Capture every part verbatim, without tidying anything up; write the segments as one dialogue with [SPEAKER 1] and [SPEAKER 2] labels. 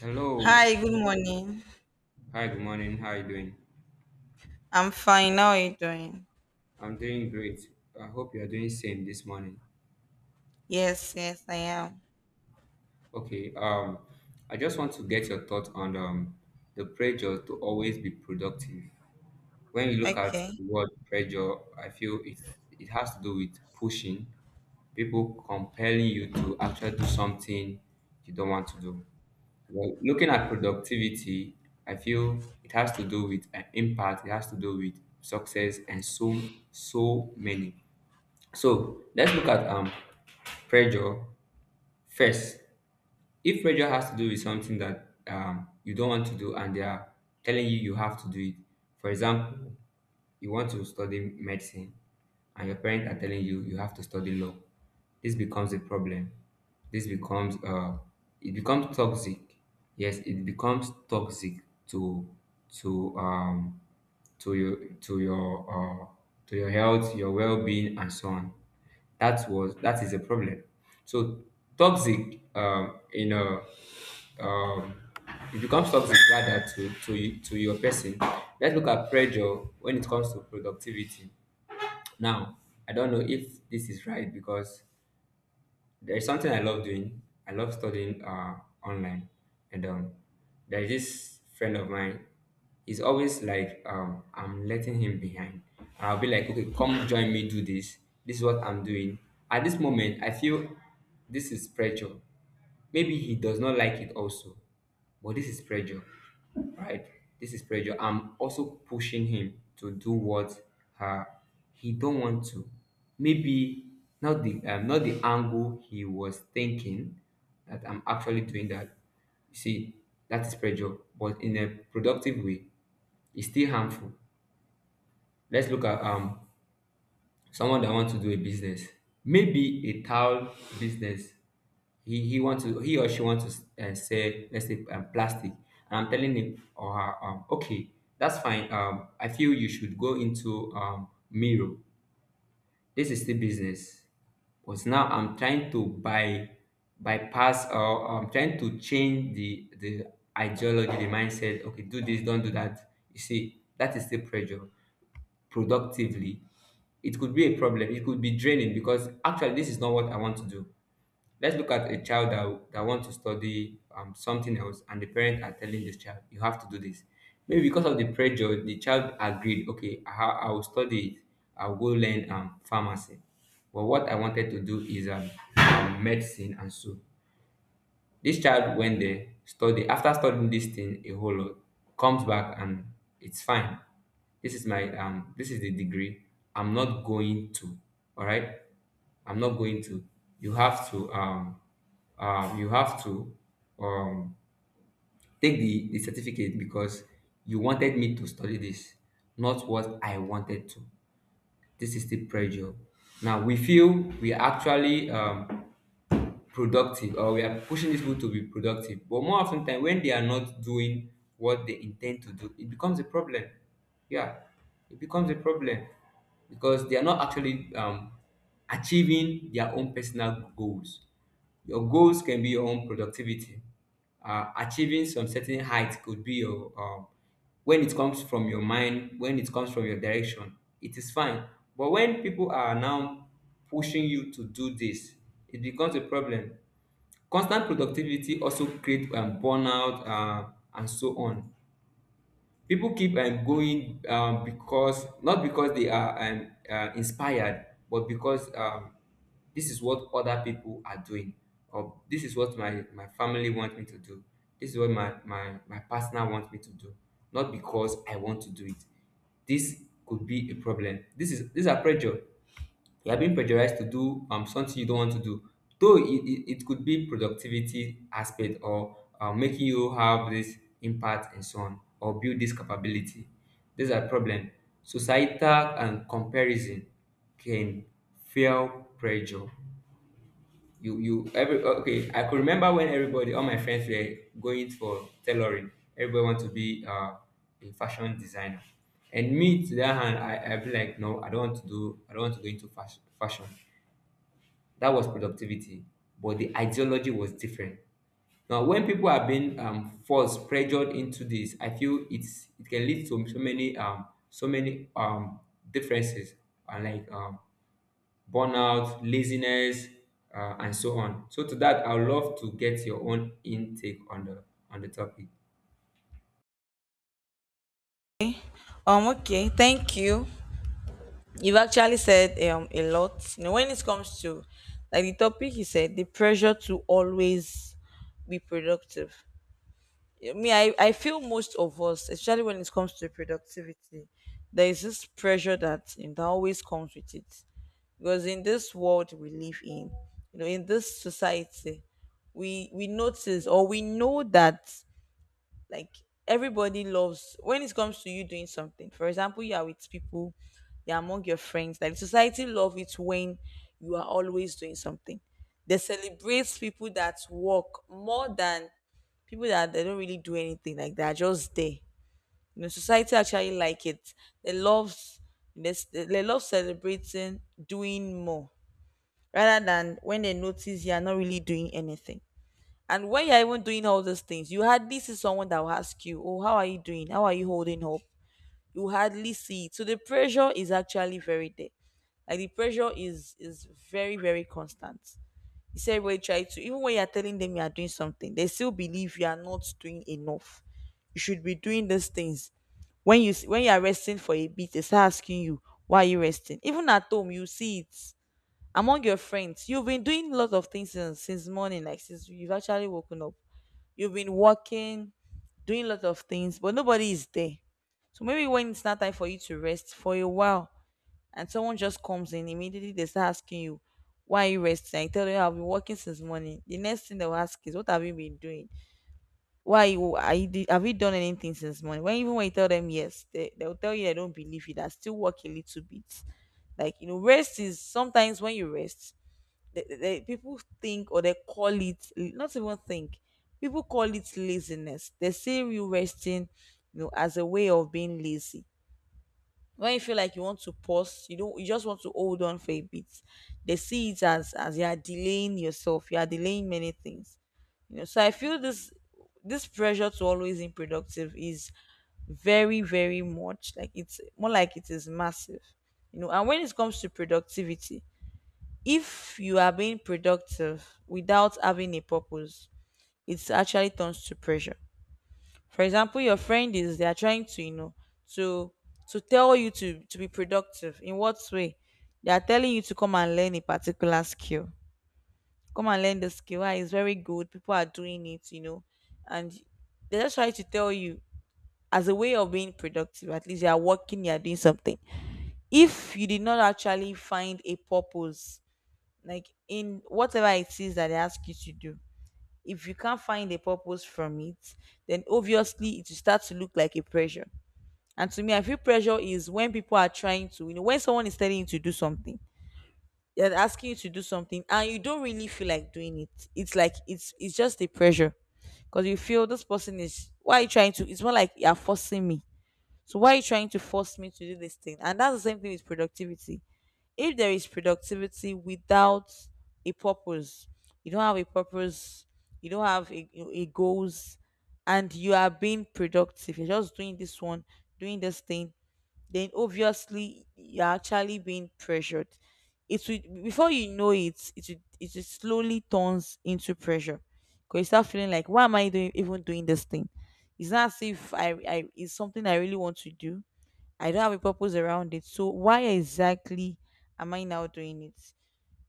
[SPEAKER 1] Hello.
[SPEAKER 2] Hi, good morning.
[SPEAKER 1] Hi, good morning. How are you doing?
[SPEAKER 2] I'm fine. How are you doing?
[SPEAKER 1] I'm doing great. I hope you are doing same this morning.
[SPEAKER 2] Yes, yes, I am.
[SPEAKER 1] Okay. Um, I just want to get your thoughts on um the pressure to always be productive. When you look at
[SPEAKER 2] Okay.
[SPEAKER 1] the word pressure, I feel it's it has to do with pushing people, compelling you to actually do something you don't want to do. Well, looking at productivity, I feel it has to do with an impact. It has to do with success and so so many. So let's look at um pressure first. If pressure has to do with something that um, you don't want to do and they are telling you you have to do it, for example, you want to study medicine and your parents are telling you you have to study law, this becomes a problem. This becomes uh it becomes toxic. Yes, it becomes toxic to to um to your to your uh, to your health, your well-being, and so on. That was that is a problem. So toxic, um, you know um, it becomes toxic rather to to y- to your person. Let's look at pressure when it comes to productivity. Now, I don't know if this is right because there is something I love doing. I love studying uh, online, and um, there is this friend of mine. He's always like, um, I'm letting him behind. I'll be like, okay, come join me, do this. This is what I'm doing. At this moment, I feel this is pressure. Maybe he does not like it also. But this is pressure, right? This is pressure. I'm also pushing him to do what uh, he don't want to. Maybe not the um, not the angle he was thinking that I'm actually doing that. You see, that is pressure, but in a productive way, it's still harmful. Let's look at um someone that wants to do a business, maybe a tile business. He he wants to he or she wants to uh, sell, let's say, um, plastic, and I'm telling him or her, um, okay, that's fine. um I feel you should go into um mirror. This is the business. But now I'm trying to buy, bypass, or I'm trying to change the the ideology, the mindset. Okay, do this, don't do that. You see, that is still pressure productively. It could be a problem. It could be draining because actually this is not what I want to do. Let's look at a child that, that wants to study um, something else, and the parents are telling this child you have to do this. Maybe because of the pressure, the child agreed. Okay, i, ha- I will study it. I'll go learn um, pharmacy, but what I wanted to do is um, um, medicine. And so this child, when dey study, after studying this thing a whole lot, comes back and it's fine. This is my um this is the degree. I'm not going to. Alright? I'm not going to. You have to um um you have to um take the, the certificate because you wanted me to study this, not what I wanted to. This is the pressure. Now we feel we are actually um productive, or we are pushing these people to be productive, but more often than when they are not doing what they intend to do, it becomes a problem. Yeah, it becomes a problem because they are not actually um achieving their own personal goals. Your goals can be your own productivity. Uh, achieving some certain height could be your um, when it comes from your mind, when it comes from your direction, it is fine. But when people are now pushing you to do this, it becomes a problem. Constant productivity also create um, burnout uh, and so on. People keep um, going um, because not because they are um, uh, inspired, but because um, this is what other people are doing, or this is what my my family want me to do. This is what my my my partner wants me to do, not because I want to do it. This could be a problem. This is These are pressure. You are being pressurized to do um something you don't want to do. Though it, it, it could be productivity aspect, or uh, making you have this impact and so on, or build this capability, these are problem. Societal and comparison can fuel pressure. you you every Oh, okay, I could remember when everybody, all my friends, were going for tailoring. Everybody want to be uh, a fashion designer, and me to that hand, i i be like, no, I don't want to do, I don't want to go into fashion fashion. That was productivity, but the ideology was different. Now when people are being um forced, pressured into this, I feel it's it can lead to so many um so many um differences, and like um burnout, laziness, uh, and so on. So to that, I would love to get your own intake on the on the topic.
[SPEAKER 2] Um, okay, thank you. You've actually said um a lot. You know, when it comes to like the topic you said, the pressure to always be productive. I mean, I, I feel most of us, especially when it comes to productivity, there is this pressure that you know, that always comes with it. Because in this world we live in, you know, in this society, we we notice or we know that like everybody loves when it comes to you doing something. For example, you are with people, you're among your friends, like society love it when you are always doing something. They celebrate people that work more than people that they don't really do anything, like they're just there. You know, society actually like it. They love, they, they love celebrating doing more, rather than when they notice you're not really doing anything. And when you're even doing all these things, you hardly see someone that will ask you, oh, how are you doing? How are you holding up? You hardly see it. So the pressure is actually very there. Like the pressure is is very, very constant. You see everybody try to, even when you're telling them you are doing something, they still believe you are not doing enough. You should be doing these things. When you s- when you are resting for a bit, they start asking you, why are you resting? Even at home, you see it among your friends. You've been doing a lot of things since, since morning, like since you've actually woken up. You've been working, doing a lot of things, but nobody is there. So maybe when it's not time for you to rest for a while, and someone just comes in immediately, they start asking you, "Why are you resting?" I tell you, I've been working since morning. The next thing they'll ask is, "What have you been doing? Why you are you do- Have you done anything since morning?" When even when you tell them yes, they they'll tell you they don't believe you. That still work a little bit. Like you know, rest is sometimes when you rest they, they, people think, or they call it, not even think, people call it laziness. They say you resting, you know, as a way of being lazy. When you feel like you want to pause, you don't you just want to hold on for a bit, they see it as as you are delaying yourself, you are delaying many things. You know, so I feel this, this pressure to always be productive is very, very much, like it's more like it is massive. You know, and when it comes to productivity, if you are being productive without having a purpose, it actually turns to pressure. For example, your friend is, they are trying to, you know, to to tell you to to be productive. In what way? They are telling you to come and learn a particular skill. Come and learn the skill. Ah, it's very good. People are doing it, you know. And they just try to tell you as a way of being productive. At least you are working, you are doing something. If you did not actually find a purpose, like in whatever it is that they ask you to do, if you can't find a purpose from it, then obviously it will start to look like a pressure. And to me, I feel pressure is when people are trying to, you know, when someone is telling you to do something, they're asking you to do something and you don't really feel like doing it, it's like, it's it's just a pressure. Because you feel this person is, why are you trying to, it's more like you're forcing me. So why are you trying to force me to do this thing? And that's the same thing with productivity. If there is productivity without a purpose, you don't have a purpose, you don't have a, a goals, and you are being productive, you're just doing this one, doing this thing, then obviously you're actually being pressured. It will, before you know it, it will, it will slowly turns into pressure. Because you start feeling like, why am I doing even doing this thing? It's not as if i, I, it's something I really want to do. I don't have a purpose around it. So why exactly am I now doing it?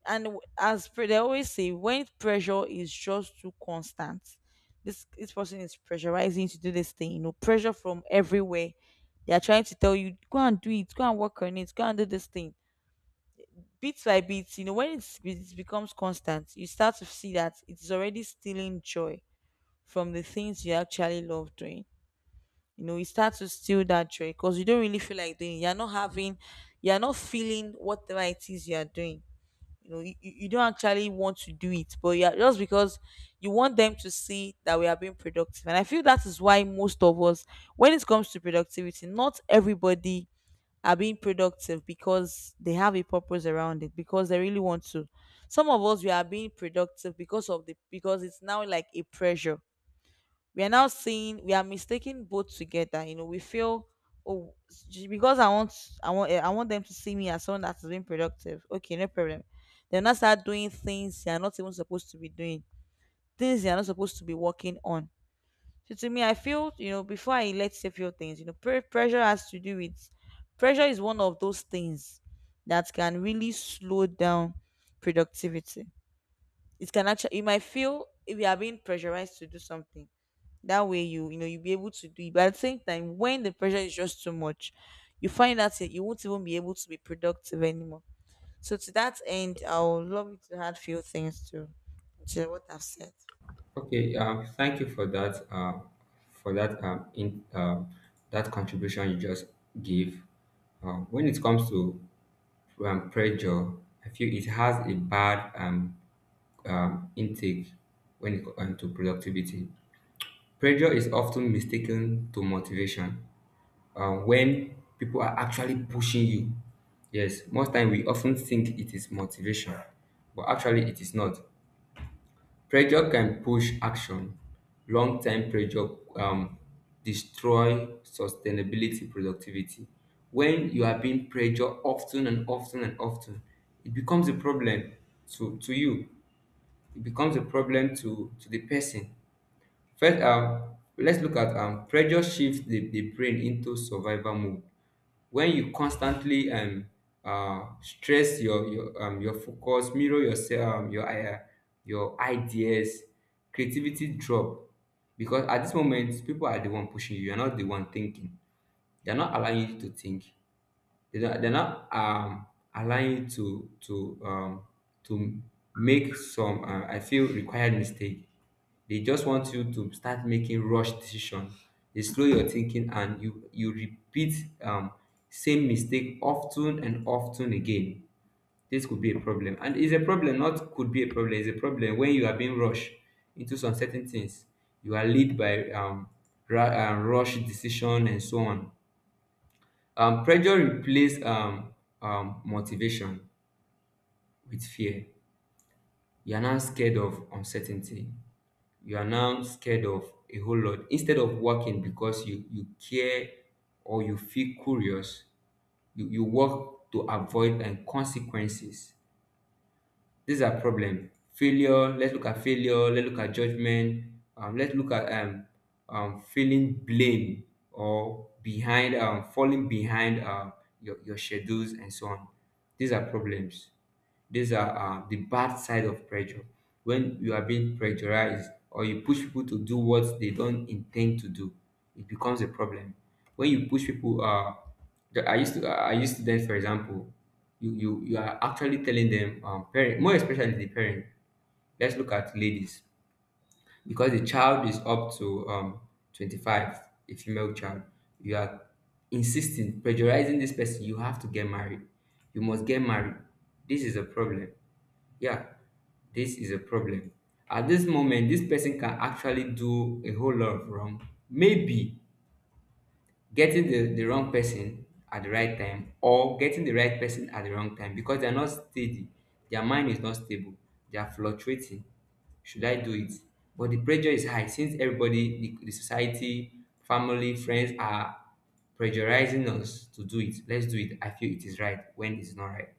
[SPEAKER 2] And w- as pre- They always say, when pressure is just too constant, this this person is pressurizing you to do this thing. You know, pressure from everywhere. They are trying to tell you, go and do it, go and work on it, go and do this thing. Bit by bit, you know, when it's, it becomes constant, you start to see that it's already stealing joy from the things you actually love doing. You know, you start to steal that joy because you don't really feel like doing it. You're not having, you're not feeling whatever it is you're doing. You know, you, you you don't actually want to do it, but yeah, just because you want them to see that we are being productive. And I feel that is why most of us, when it comes to productivity, not everybody are being productive because they have a purpose around it, because they really want to. Some of us we are being productive because of the, because it's now like a pressure. We are now seeing, we are mistaking both together. You know, we feel, oh, j- because I want, i want eh, I want them to see me as someone that is being productive. Okay, no problem. They'll not start doing things they are not even supposed to be doing, things they are not supposed to be working on. So to me, I feel, you know, before I let say few things, you know pre- pressure has to do with, pressure is one of those things that can really slow down productivity. It can actually, you might feel if you are being pressurized to do something, that way you you know you'll be able to do it, but at the same time, when the pressure is just too much, you find out that you won't even be able to be productive anymore. So to that end, I would love you to add few things to to what I've said.
[SPEAKER 1] Okay, um, thank you for that, uh, for that um, in um that contribution you just gave. Um, when it comes to um, pressure, I feel it has a bad um, um, intake when it comes to productivity. Pressure is often mistaken to motivation. Um, when people are actually pushing you. Yes, most time we often think it is motivation, but actually it is not. Pressure can push action. Long time pressure um, destroy sustainability productivity. When you are being pressured often and often and often, it becomes a problem to, to you. It becomes a problem to, to the person. First, um, let's look at um, pressure shifts the, the brain into survival mode. When you constantly um, uh, stress your your, um, your focus, mirror yourself, um, your uh, your ideas, creativity drop. Because at this moment, people are the one pushing you. You're not the one thinking. They're not allowing you to think. They don't- they're not um, allowing you to to um, to make some uh, I feel required mistake. They just want you to start making rush decision. They slow your thinking, and you you repeat um, same mistake often and often again. This could be a problem, and it's a problem. Not could be a problem. It's a problem when you are being rushed into some certain things. You are led by um, ra- uh, rush decision and so on. Um pressure replaces um um motivation with fear. You are now scared of uncertainty. You are now scared of a whole lot. Instead of working because you you care or you feel curious, you you work to avoid and consequences. These are problem. Failure. Let's look at failure. Let's look at judgment. Um, let's look at um, um, feeling blame or behind, um, falling behind um, your, your schedules and so on. These are problems. These are uh, the bad side of pressure. When you are being pressurized, or you push people to do what they don't intend to do, it becomes a problem. When you push people uh, that I used to I used to then, for example, you you you are actually telling them, um parent, more especially the parent. Let's look at ladies because the child is up to um twenty-five, a female child. You are insisting, pressurizing this person. You have to get married. You must get married. This is a problem. Yeah, this is a problem. At this moment, this person can actually do a whole lot of wrong. Maybe getting the, the wrong person at the right time, or getting the right person at the wrong time, because they're not steady. Their mind is not stable. They are fluctuating. Should I do it? But the pressure is high since everybody, the, the society, family, friends, are pressurizing us to do it. Let's do it. I feel it is right when it's not right.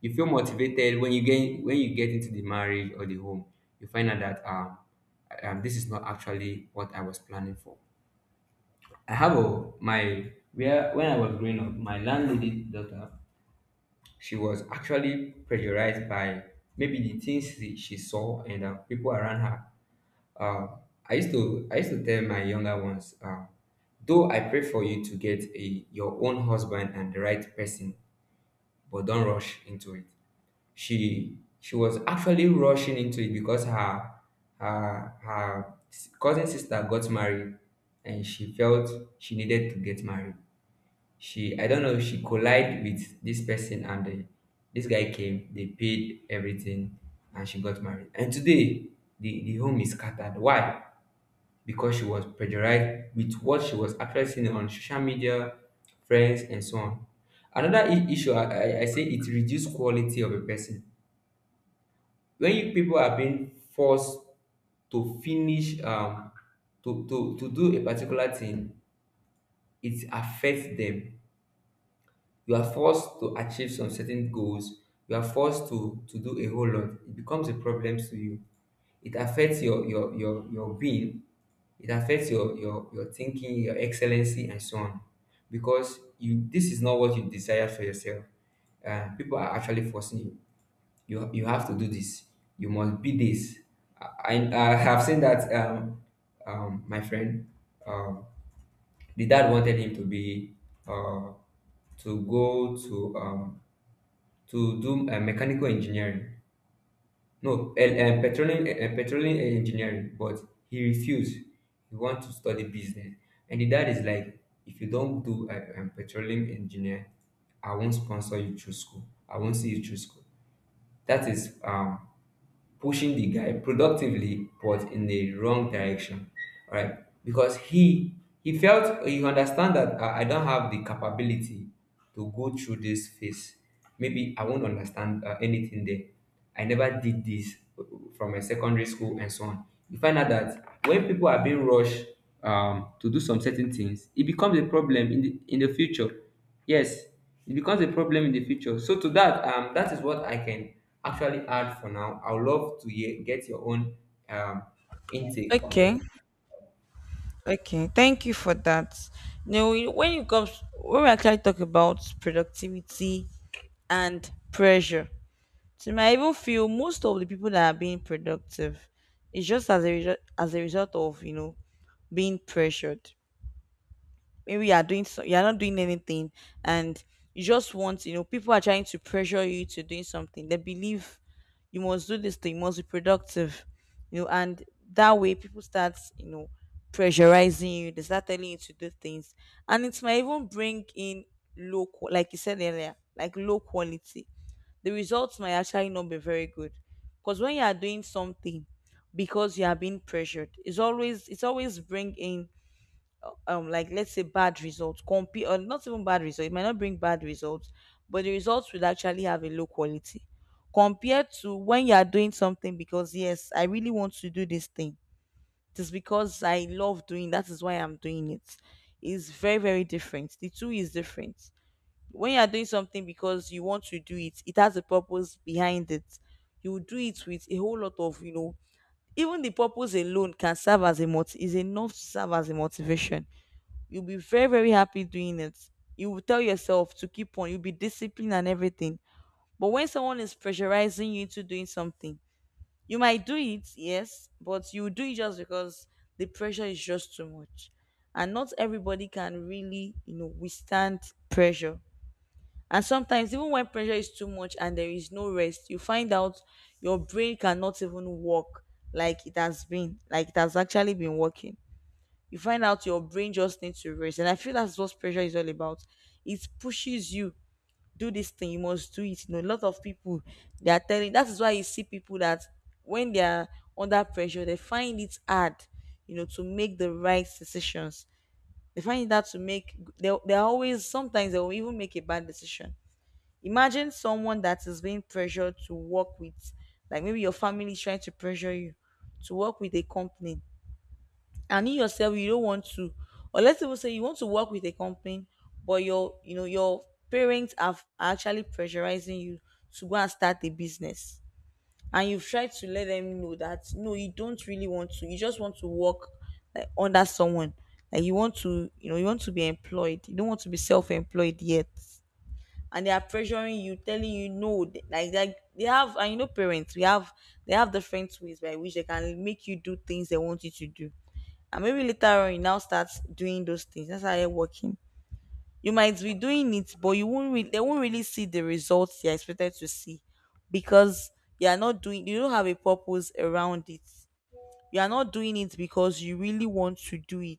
[SPEAKER 1] You feel motivated when you get, when you get into the marriage or the home. You find out that um, um, this is not actually what I was planning for. I have a my where when I was growing up, my landlady daughter, she was actually pressurized by maybe the things she, she saw, and uh, people around her. Uh, I used to I used to tell my younger ones, uh, though I pray for you to get a your own husband and the right person, but don't rush into it. She she was actually rushing into it because her her her s- cousin sister got married, and she felt she needed to get married. She, I don't know, she collided with this person, and the, this guy came. They paid everything and she got married. And today the the home is scattered. Why? Because she was pressurized with what she was actually seeing on social media, friends, and so on. Another i- issue, I, I I say it reduces quality of a person. When you, people are being forced to finish um, to, to, to do a particular thing, it affects them. You are forced to achieve some certain goals, you are forced to to do a whole lot. It becomes a problem to you. It affects your your your, your being. It affects your, your your thinking, your excellency, and so on, because you, this is not what you desire for yourself. Uh, people are actually forcing you. You you have to do this. You must be this. I i, I have seen that um um my friend, um the dad wanted him to be uh, to go to um, to do uh, mechanical engineering, no, and, uh, petroleum uh, petroleum engineering, but he refused. He want to study business, and the dad is like, if you don't do a um, petroleum engineer, I won't sponsor you through school. I won't see you through school. That is um, pushing the guy productively, but in the wrong direction. All right? Because he he felt uh, he understand that uh, I don't have the capability to go through this phase. Maybe I won't understand uh, anything there. I never did this uh, from a secondary school and so on. You find out that when people are being rushed um, to do some certain things, it becomes a problem in the in the future. Yes, it becomes a problem in the future. So to that, um, that is what I can actually add for now. I would love to hear, get your own um intake on
[SPEAKER 2] Okay,
[SPEAKER 1] the.
[SPEAKER 2] okay. Thank you for that. Now, when it comes, when we actually talk about productivity and pressure, so you might even feel most of the people that are being productive is just as a result, as a result of, you know, being pressured. Maybe you are doing, so you're not doing anything, and you just want, you know, people are trying to pressure you to doing something they believe you must do this thing, you must be productive, you know. And that way people start, you know, pressurizing you, they start telling you to do things. And it might even bring in low qua- like you said earlier, like low quality. The results might actually not be very good, because when you are doing something because you are being pressured, it's always it's always bringing, um like let's say bad results, compete, or not even bad results, it might not bring bad results, but the results will actually have a low quality compared to when you are doing something because, yes, I really want to do this thing, it is because I love doing, that is why I'm doing it. It's very, very different, the two is different. When you are doing something because you want to do it, it has a purpose behind it. You do it with a whole lot of, you know, even the purpose alone can serve as a mot- is enough to serve as a motivation. You'll be very, very happy doing it. You will tell yourself to keep on. You'll be disciplined and everything. But when someone is pressurizing you into doing something, you might do it, yes, but you do it just because the pressure is just too much. And not everybody can really, you know, withstand pressure. And sometimes, even when pressure is too much and there is no rest, you find out your brain cannot even work like it has been, like it has actually been working. You find out your brain just needs to rest. And I feel that's what pressure is all about. It pushes you, do this thing, you must do it. You know, a lot of people they are telling, that is why you see people that when they are under pressure, they find it hard, you know, to make the right decisions. They find it hard to make, they they always, sometimes they will even make a bad decision. Imagine someone that is being pressured to work with, like maybe your family is trying to pressure you to work with a company and you yourself you don't want to. Or let's even say you want to work with a company but your you know your parents have are actually pressurizing you to go and start a business, and you've tried to let them know that no, you don't really want to, you just want to work like under someone. Like you want to, you know you want to be employed, you don't want to be self-employed yet, and they are pressuring you telling you no. th- like like they have, and you know parents we have, they have different ways by which they can make you do things they want you to do. And maybe later on you now start doing those things. That's how you're working. You might be doing it but you won't really, they won't really see the results you're expected to see, because you are not doing, you don't have a purpose around it. You are not doing it because you really want to do it.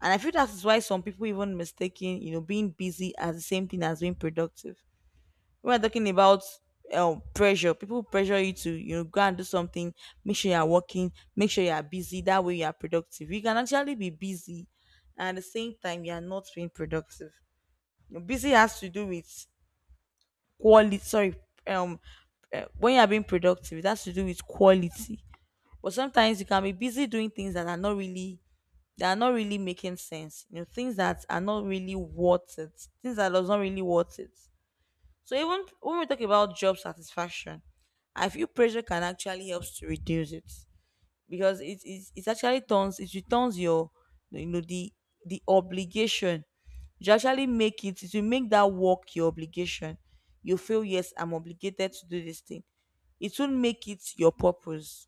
[SPEAKER 2] And I feel that is why some people even mistaking, you know being busy as the same thing as being productive. We're talking about um pressure, people pressure you to, you know go and do something, make sure you're working, make sure you're busy. That way you are productive. You can actually be busy, and at the same time you are not being productive. You know, busy has to do with quality. Sorry, um, uh, when you are being productive, it has to do with quality. But sometimes you can be busy doing things that are not really, that are not really making sense. You know, things that are not really worth it. Things that does not really worth it. So even when we talk about job satisfaction, I feel pressure can actually help to reduce it because it it, it actually turns it returns your, you know, the the obligation. You actually make it it you make that work your obligation, you feel yes, I'm obligated to do this thing. It will make it your purpose.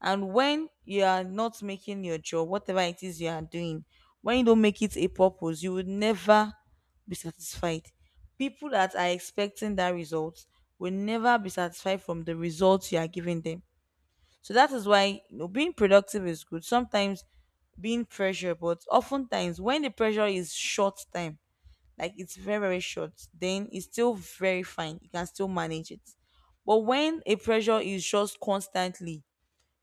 [SPEAKER 2] And when you are not making your job, whatever it is you are doing, when you don't make it a purpose, you will never be satisfied. People that are expecting that result will never be satisfied from the results you are giving them. So that is why, you know, being productive is good. Sometimes being pressure, but oftentimes when the pressure is short time, like it's very, very short, then it's still very fine. You can still manage it. But when a pressure is just constantly,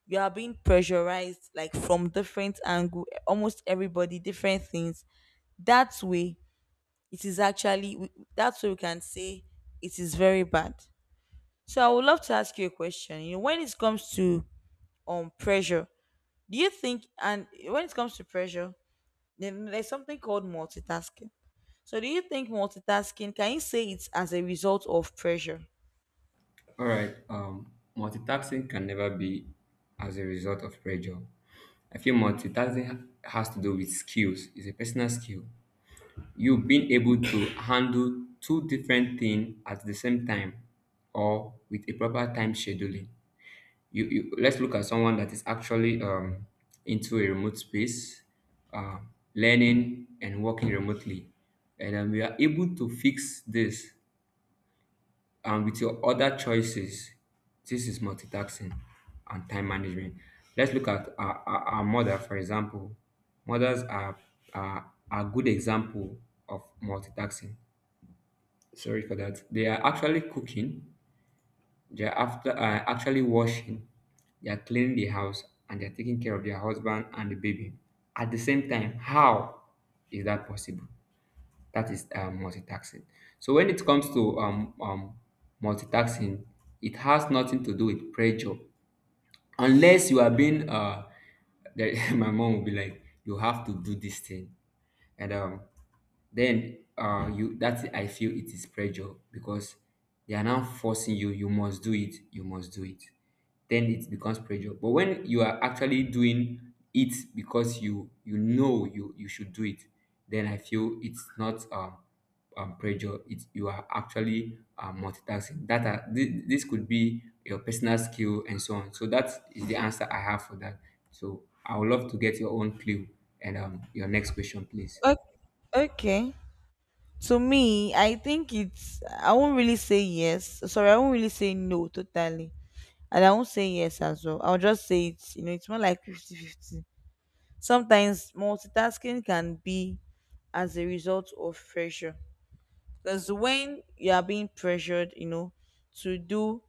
[SPEAKER 2] you are being pressurized like from different angle, almost everybody different things, that way it is actually we- that's why we can say it is very bad. So I would love to ask you a question. You know, when it comes to um pressure, do you think, and when it comes to pressure, then there's something called multitasking. So do you think multitasking, can you say it's as a result of pressure?
[SPEAKER 1] All right. Um, multitasking can never be as a result of pressure. I feel multitasking ha- has to do with skills. It's a personal skill. You being able to handle two different things at the same time, or with a proper time scheduling. You, you let's look at someone that is actually um, into a remote space, uh, learning and working remotely, and um, we are able to fix this and with your other choices. This is multitasking and time management. Let's look at our, our, our mother, for example. Mothers are, are are a good example of multitasking. Sorry for that. They are actually cooking. They are after uh, actually washing. They are cleaning the house and they are taking care of their husband and the baby at the same time. How is that possible? That is um, multitasking. So when it comes to um, um, multitasking, it has nothing to do with pressure, unless you are being. Uh, that my mom will be like, "You have to do this thing," and um, then uh, you, that I feel it is pressure because they are now forcing you. You must do it. You must do it. Then it becomes pressure. But when you are actually doing it because you you know you you should do it, then I feel it's not um um, pressure, it's you are actually uh, multitasking. That are, thi- this could be your personal skill and so on. So that is the answer I have for that. So I would love to get your own clue and um, your next question, please.
[SPEAKER 2] O- okay, to me, I think it's, I won't really say yes. Sorry, I won't really say no totally. And I won't say yes as well. I'll just say it's, you know, it's more like fifty-fifty. Sometimes multitasking can be as a result of pressure. Because when you are being pressured, you know, to do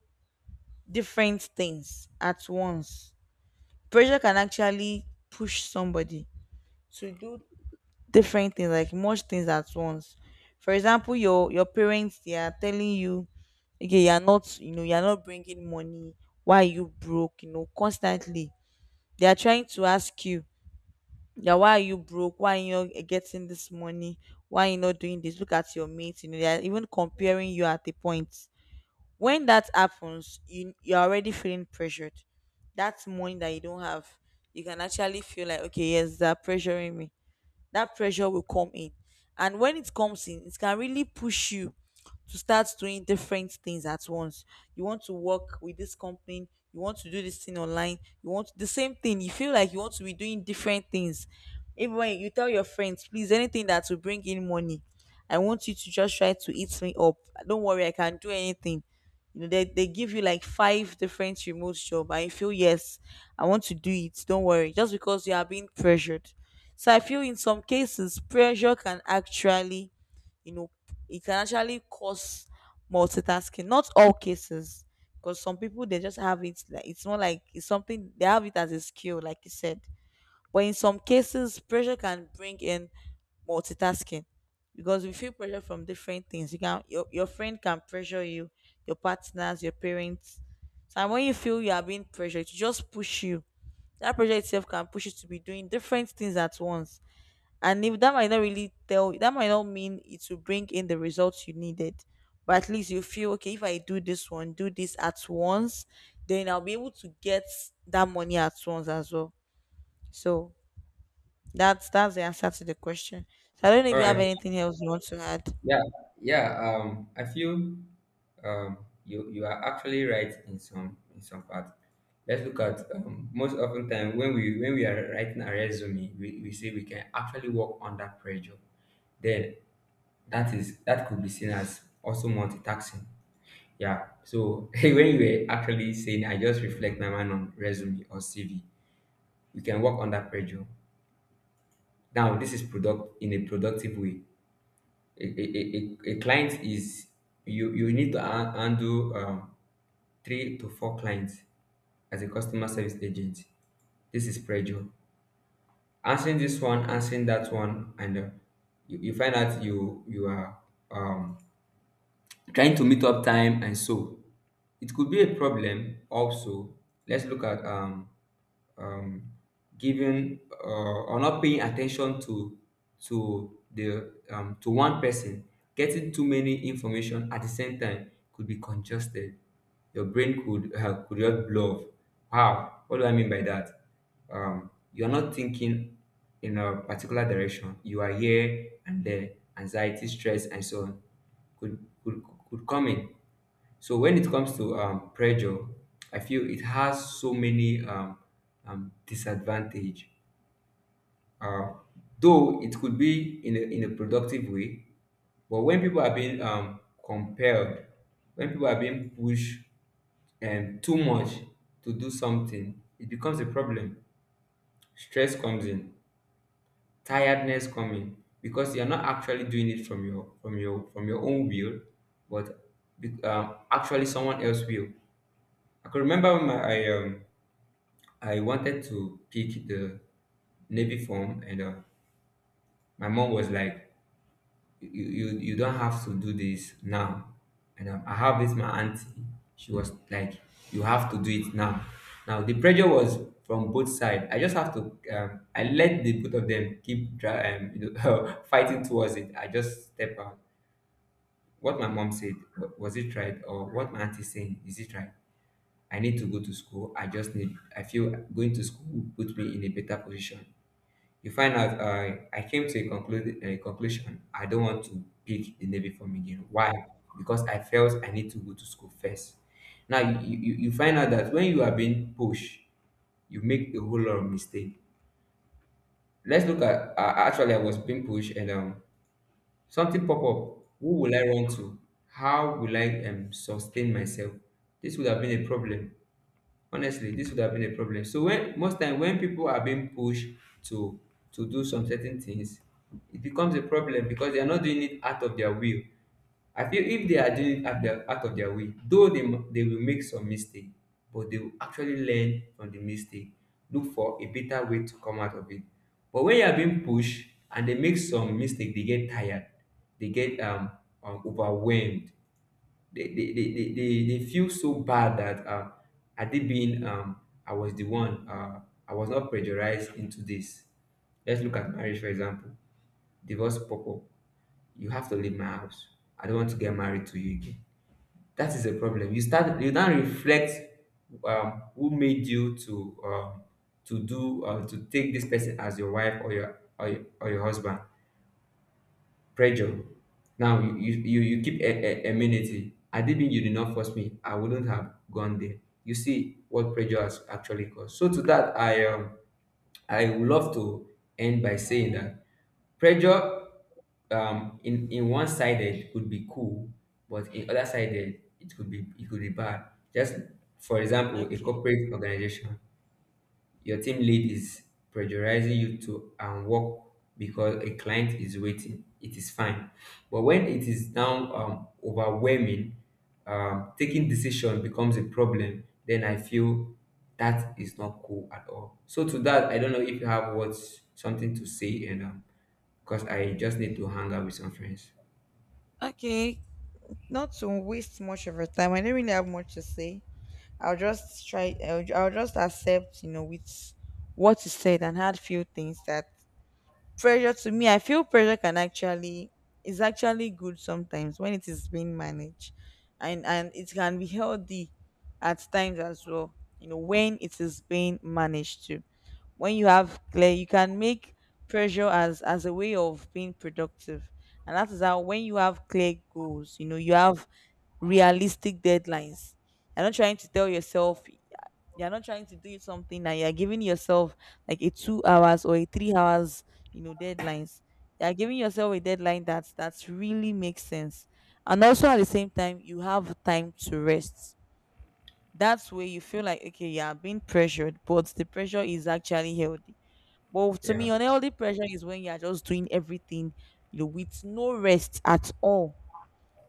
[SPEAKER 2] different things at once, pressure can actually push somebody to do different things, like much things at once. For example, your your parents, they are telling you, okay, you're not, you know you're not bringing money, why are you broke, you know, constantly they are trying to ask you, yeah, why are you broke, why are you not getting this money, why are you not doing this, look at your mates, you know, they are even comparing you. At the point when that happens, you, you're already feeling pressured. That money that you don't have, you can actually feel like, okay, yes, they're pressuring me, that pressure will come in. And when it comes in, it can really push you to start doing different things at once. You want to work with this company, you want to do this thing online, you want the same thing. You feel like you want to be doing different things. Even when you tell your friends, please, anything that will bring in money, I want you to just try to eat me up. Don't worry, I can do anything. You know, they, they give you like five different remote jobs. And you feel yes, I want to do it. Don't worry. Just because you are being pressured. So I feel in some cases pressure can actually, you know, it can actually cause multitasking. Not all cases, because some people they just have it. Like, it's not like it's something they have it as a skill, like you said. But in some cases, pressure can bring in multitasking, because we feel pressure from different things. You can, your, your friend can pressure you, your partners, your parents. So when you feel you are being pressured, it just push you. That pressure itself can push you to be doing different things at once. And if that, might not really tell, that might not mean it will bring in the results you needed, but at least you feel okay, if I do this one, do this at once, then I'll be able to get that money at once as well. So that's that's the answer to the question. So I don't know if
[SPEAKER 1] All
[SPEAKER 2] you have
[SPEAKER 1] right.
[SPEAKER 2] anything else you want to add.
[SPEAKER 1] Yeah. Yeah. Um, I feel um, you you are actually right in some in some part. Let's look at um, most often time when we when we are writing a resume, we, we say we can actually work under pressure. Then that is that could be seen as also multitasking. Yeah. So when you were actually saying, I just reflect my mind on resume or C V. We can work under pressure. Now, this is product in a productive way. A, a, a, a a client is, you you need to ha- handle um, three to four clients as a customer service agent. This is pressure. Answering this one, answering that one, and uh, you, you find out you you are um trying to meet up time, and so it could be a problem also. Let's look at um um, giving uh, or not paying attention to to the um, to one person. Getting too many information at the same time could be congested. Your brain could uh, could just blow up. How, what do I mean by that? Um, you're not thinking in a particular direction, you are here and there. Anxiety, stress, and so on could could, could come in. So when it comes to um, pressure, I feel it has so many um, um, disadvantage. Uh, though it could be in a, in a productive way, but when people are being um, compelled, when people are being pushed and too much to do something, it becomes a problem. Stress comes in, tiredness comes in, because you're not actually doing it from your from your from your own will, but be- um, actually someone else will. I could remember when my I, um, I wanted to pick the Navy form, and uh, my mom was like, you, you, you don't have to do this now. And um, I have this, my auntie, she was like, you have to do it now. Now, the pressure was from both sides. I just have to, um, I let the both of them keep dra- um, you know, fighting towards it. I just step out. What my mom said, wa- was it right? Or what my auntie saying, is it right? I need to go to school. I just need, I feel going to school will put me in a better position. You find out I I came to a conclude a conclusion. I don't want to pick the Navy form again. Why? Because I felt I need to go to school first. Now you, you, you find out that when you are being pushed, you make a whole lot of mistake. Let's look at uh, actually I was being pushed and um something pop up. Who will I run to? How will I um sustain myself? This would have been a problem. Honestly, this would have been a problem. So when most time, when people are being pushed to to do some certain things, it becomes a problem because they are not doing it out of their will. I feel if they are doing it out, their, out of their will, though they, m- they will make some mistake, but they will actually learn from the mistake, look for a better way to come out of it. But when you are being pushed and they make some mistake, they get tired, they get um, um overwhelmed. They they, they, they, they they feel so bad that uh I did being um, I was the one, uh, I was not pressurized into this. Let's look at marriage, for example. Divorce couple, you have to leave my house. I don't want to get married to you again. That is a problem. You start you now reflect um, who made you to um, to do uh, to take this person as your wife or your or your, or your husband. Pressure. Now you you you, you keep a, a amenity. Had it been you did not force me, I wouldn't have gone there. You see what pressure has actually caused. So to that, I um I would love to end by saying that pressure um in in one sided could be cool, but in other sided it could be it could be bad. Just for example, a
[SPEAKER 2] okay
[SPEAKER 1] corporate organization, your team lead is pressurizing you to and work because a client is waiting. It is fine. But when it is now um, overwhelming, um, taking decision becomes a problem, then I feel that is not cool at all. So to that, I don't know if you have what something to say, and um, because I just need to hang out with some friends.
[SPEAKER 2] okay not to waste much of your time, I don't really have much to say. I'll just try, i'll, I'll just accept, you know, with what you said, and add few things. That pressure, to me, I feel pressure can actually, is actually good sometimes when it is being managed, and and it can be healthy at times as well. You know, when it is being managed too, when you have clear, you can make pressure as as a way of being productive. And that is how, when you have clear goals, you know, you have realistic deadlines, you're not trying to tell yourself, you're not trying to do something that you're giving yourself like a two hours or a three hours, you know, deadlines. You're giving yourself a deadline that, that really makes sense. And also at the same time you have time to rest. That's where you feel like, okay, you are being pressured but the pressure is actually healthy. But to me,
[SPEAKER 1] Yeah.
[SPEAKER 2] unhealthy pressure is when you are just doing everything, you know, with no rest at all.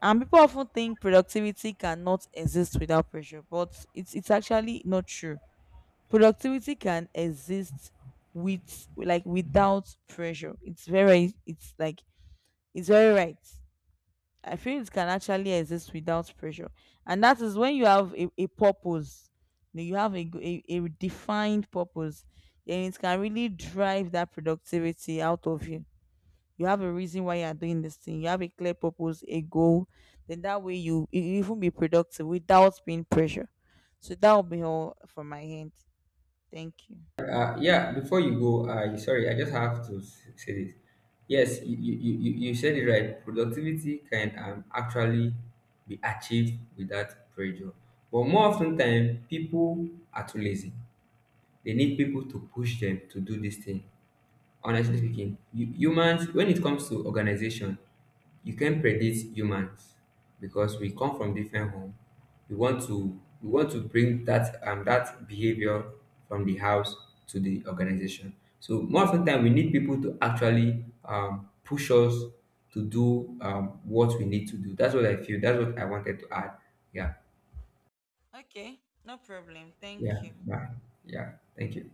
[SPEAKER 2] And people often think productivity cannot exist without pressure, but it's it's actually not true. Productivity can exist with, like, without pressure, it's very, it's like, it's very right. I feel it can actually exist without pressure. And that is when you have a, a purpose, you know, you have a, g- a, a defined purpose, then it can really drive that productivity out of you. You have a reason why you are doing this thing, you have a clear purpose, a goal, then that way you, you even be productive without being pressure. So that will be all for my hand. Thank you.
[SPEAKER 1] Uh, yeah, before you go, I sorry, I just have to s- say this. Yes, you, you, you, you you said it right. Productivity can um, actually be achieved without pressure. But more often time, people are too lazy. They need people to push them to do this thing. Honestly speaking, you, humans, when it comes to organization, you can predict humans because we come from different home. We want to we want to bring that um that behavior from the house to the organization. So more often than, we need people to actually um, push us to do um, what we need to do. That's what I feel. That's what I wanted to add. Yeah.
[SPEAKER 2] Okay, no problem. Thank
[SPEAKER 1] Yeah.
[SPEAKER 2] you.
[SPEAKER 1] Bye. Yeah. Thank you.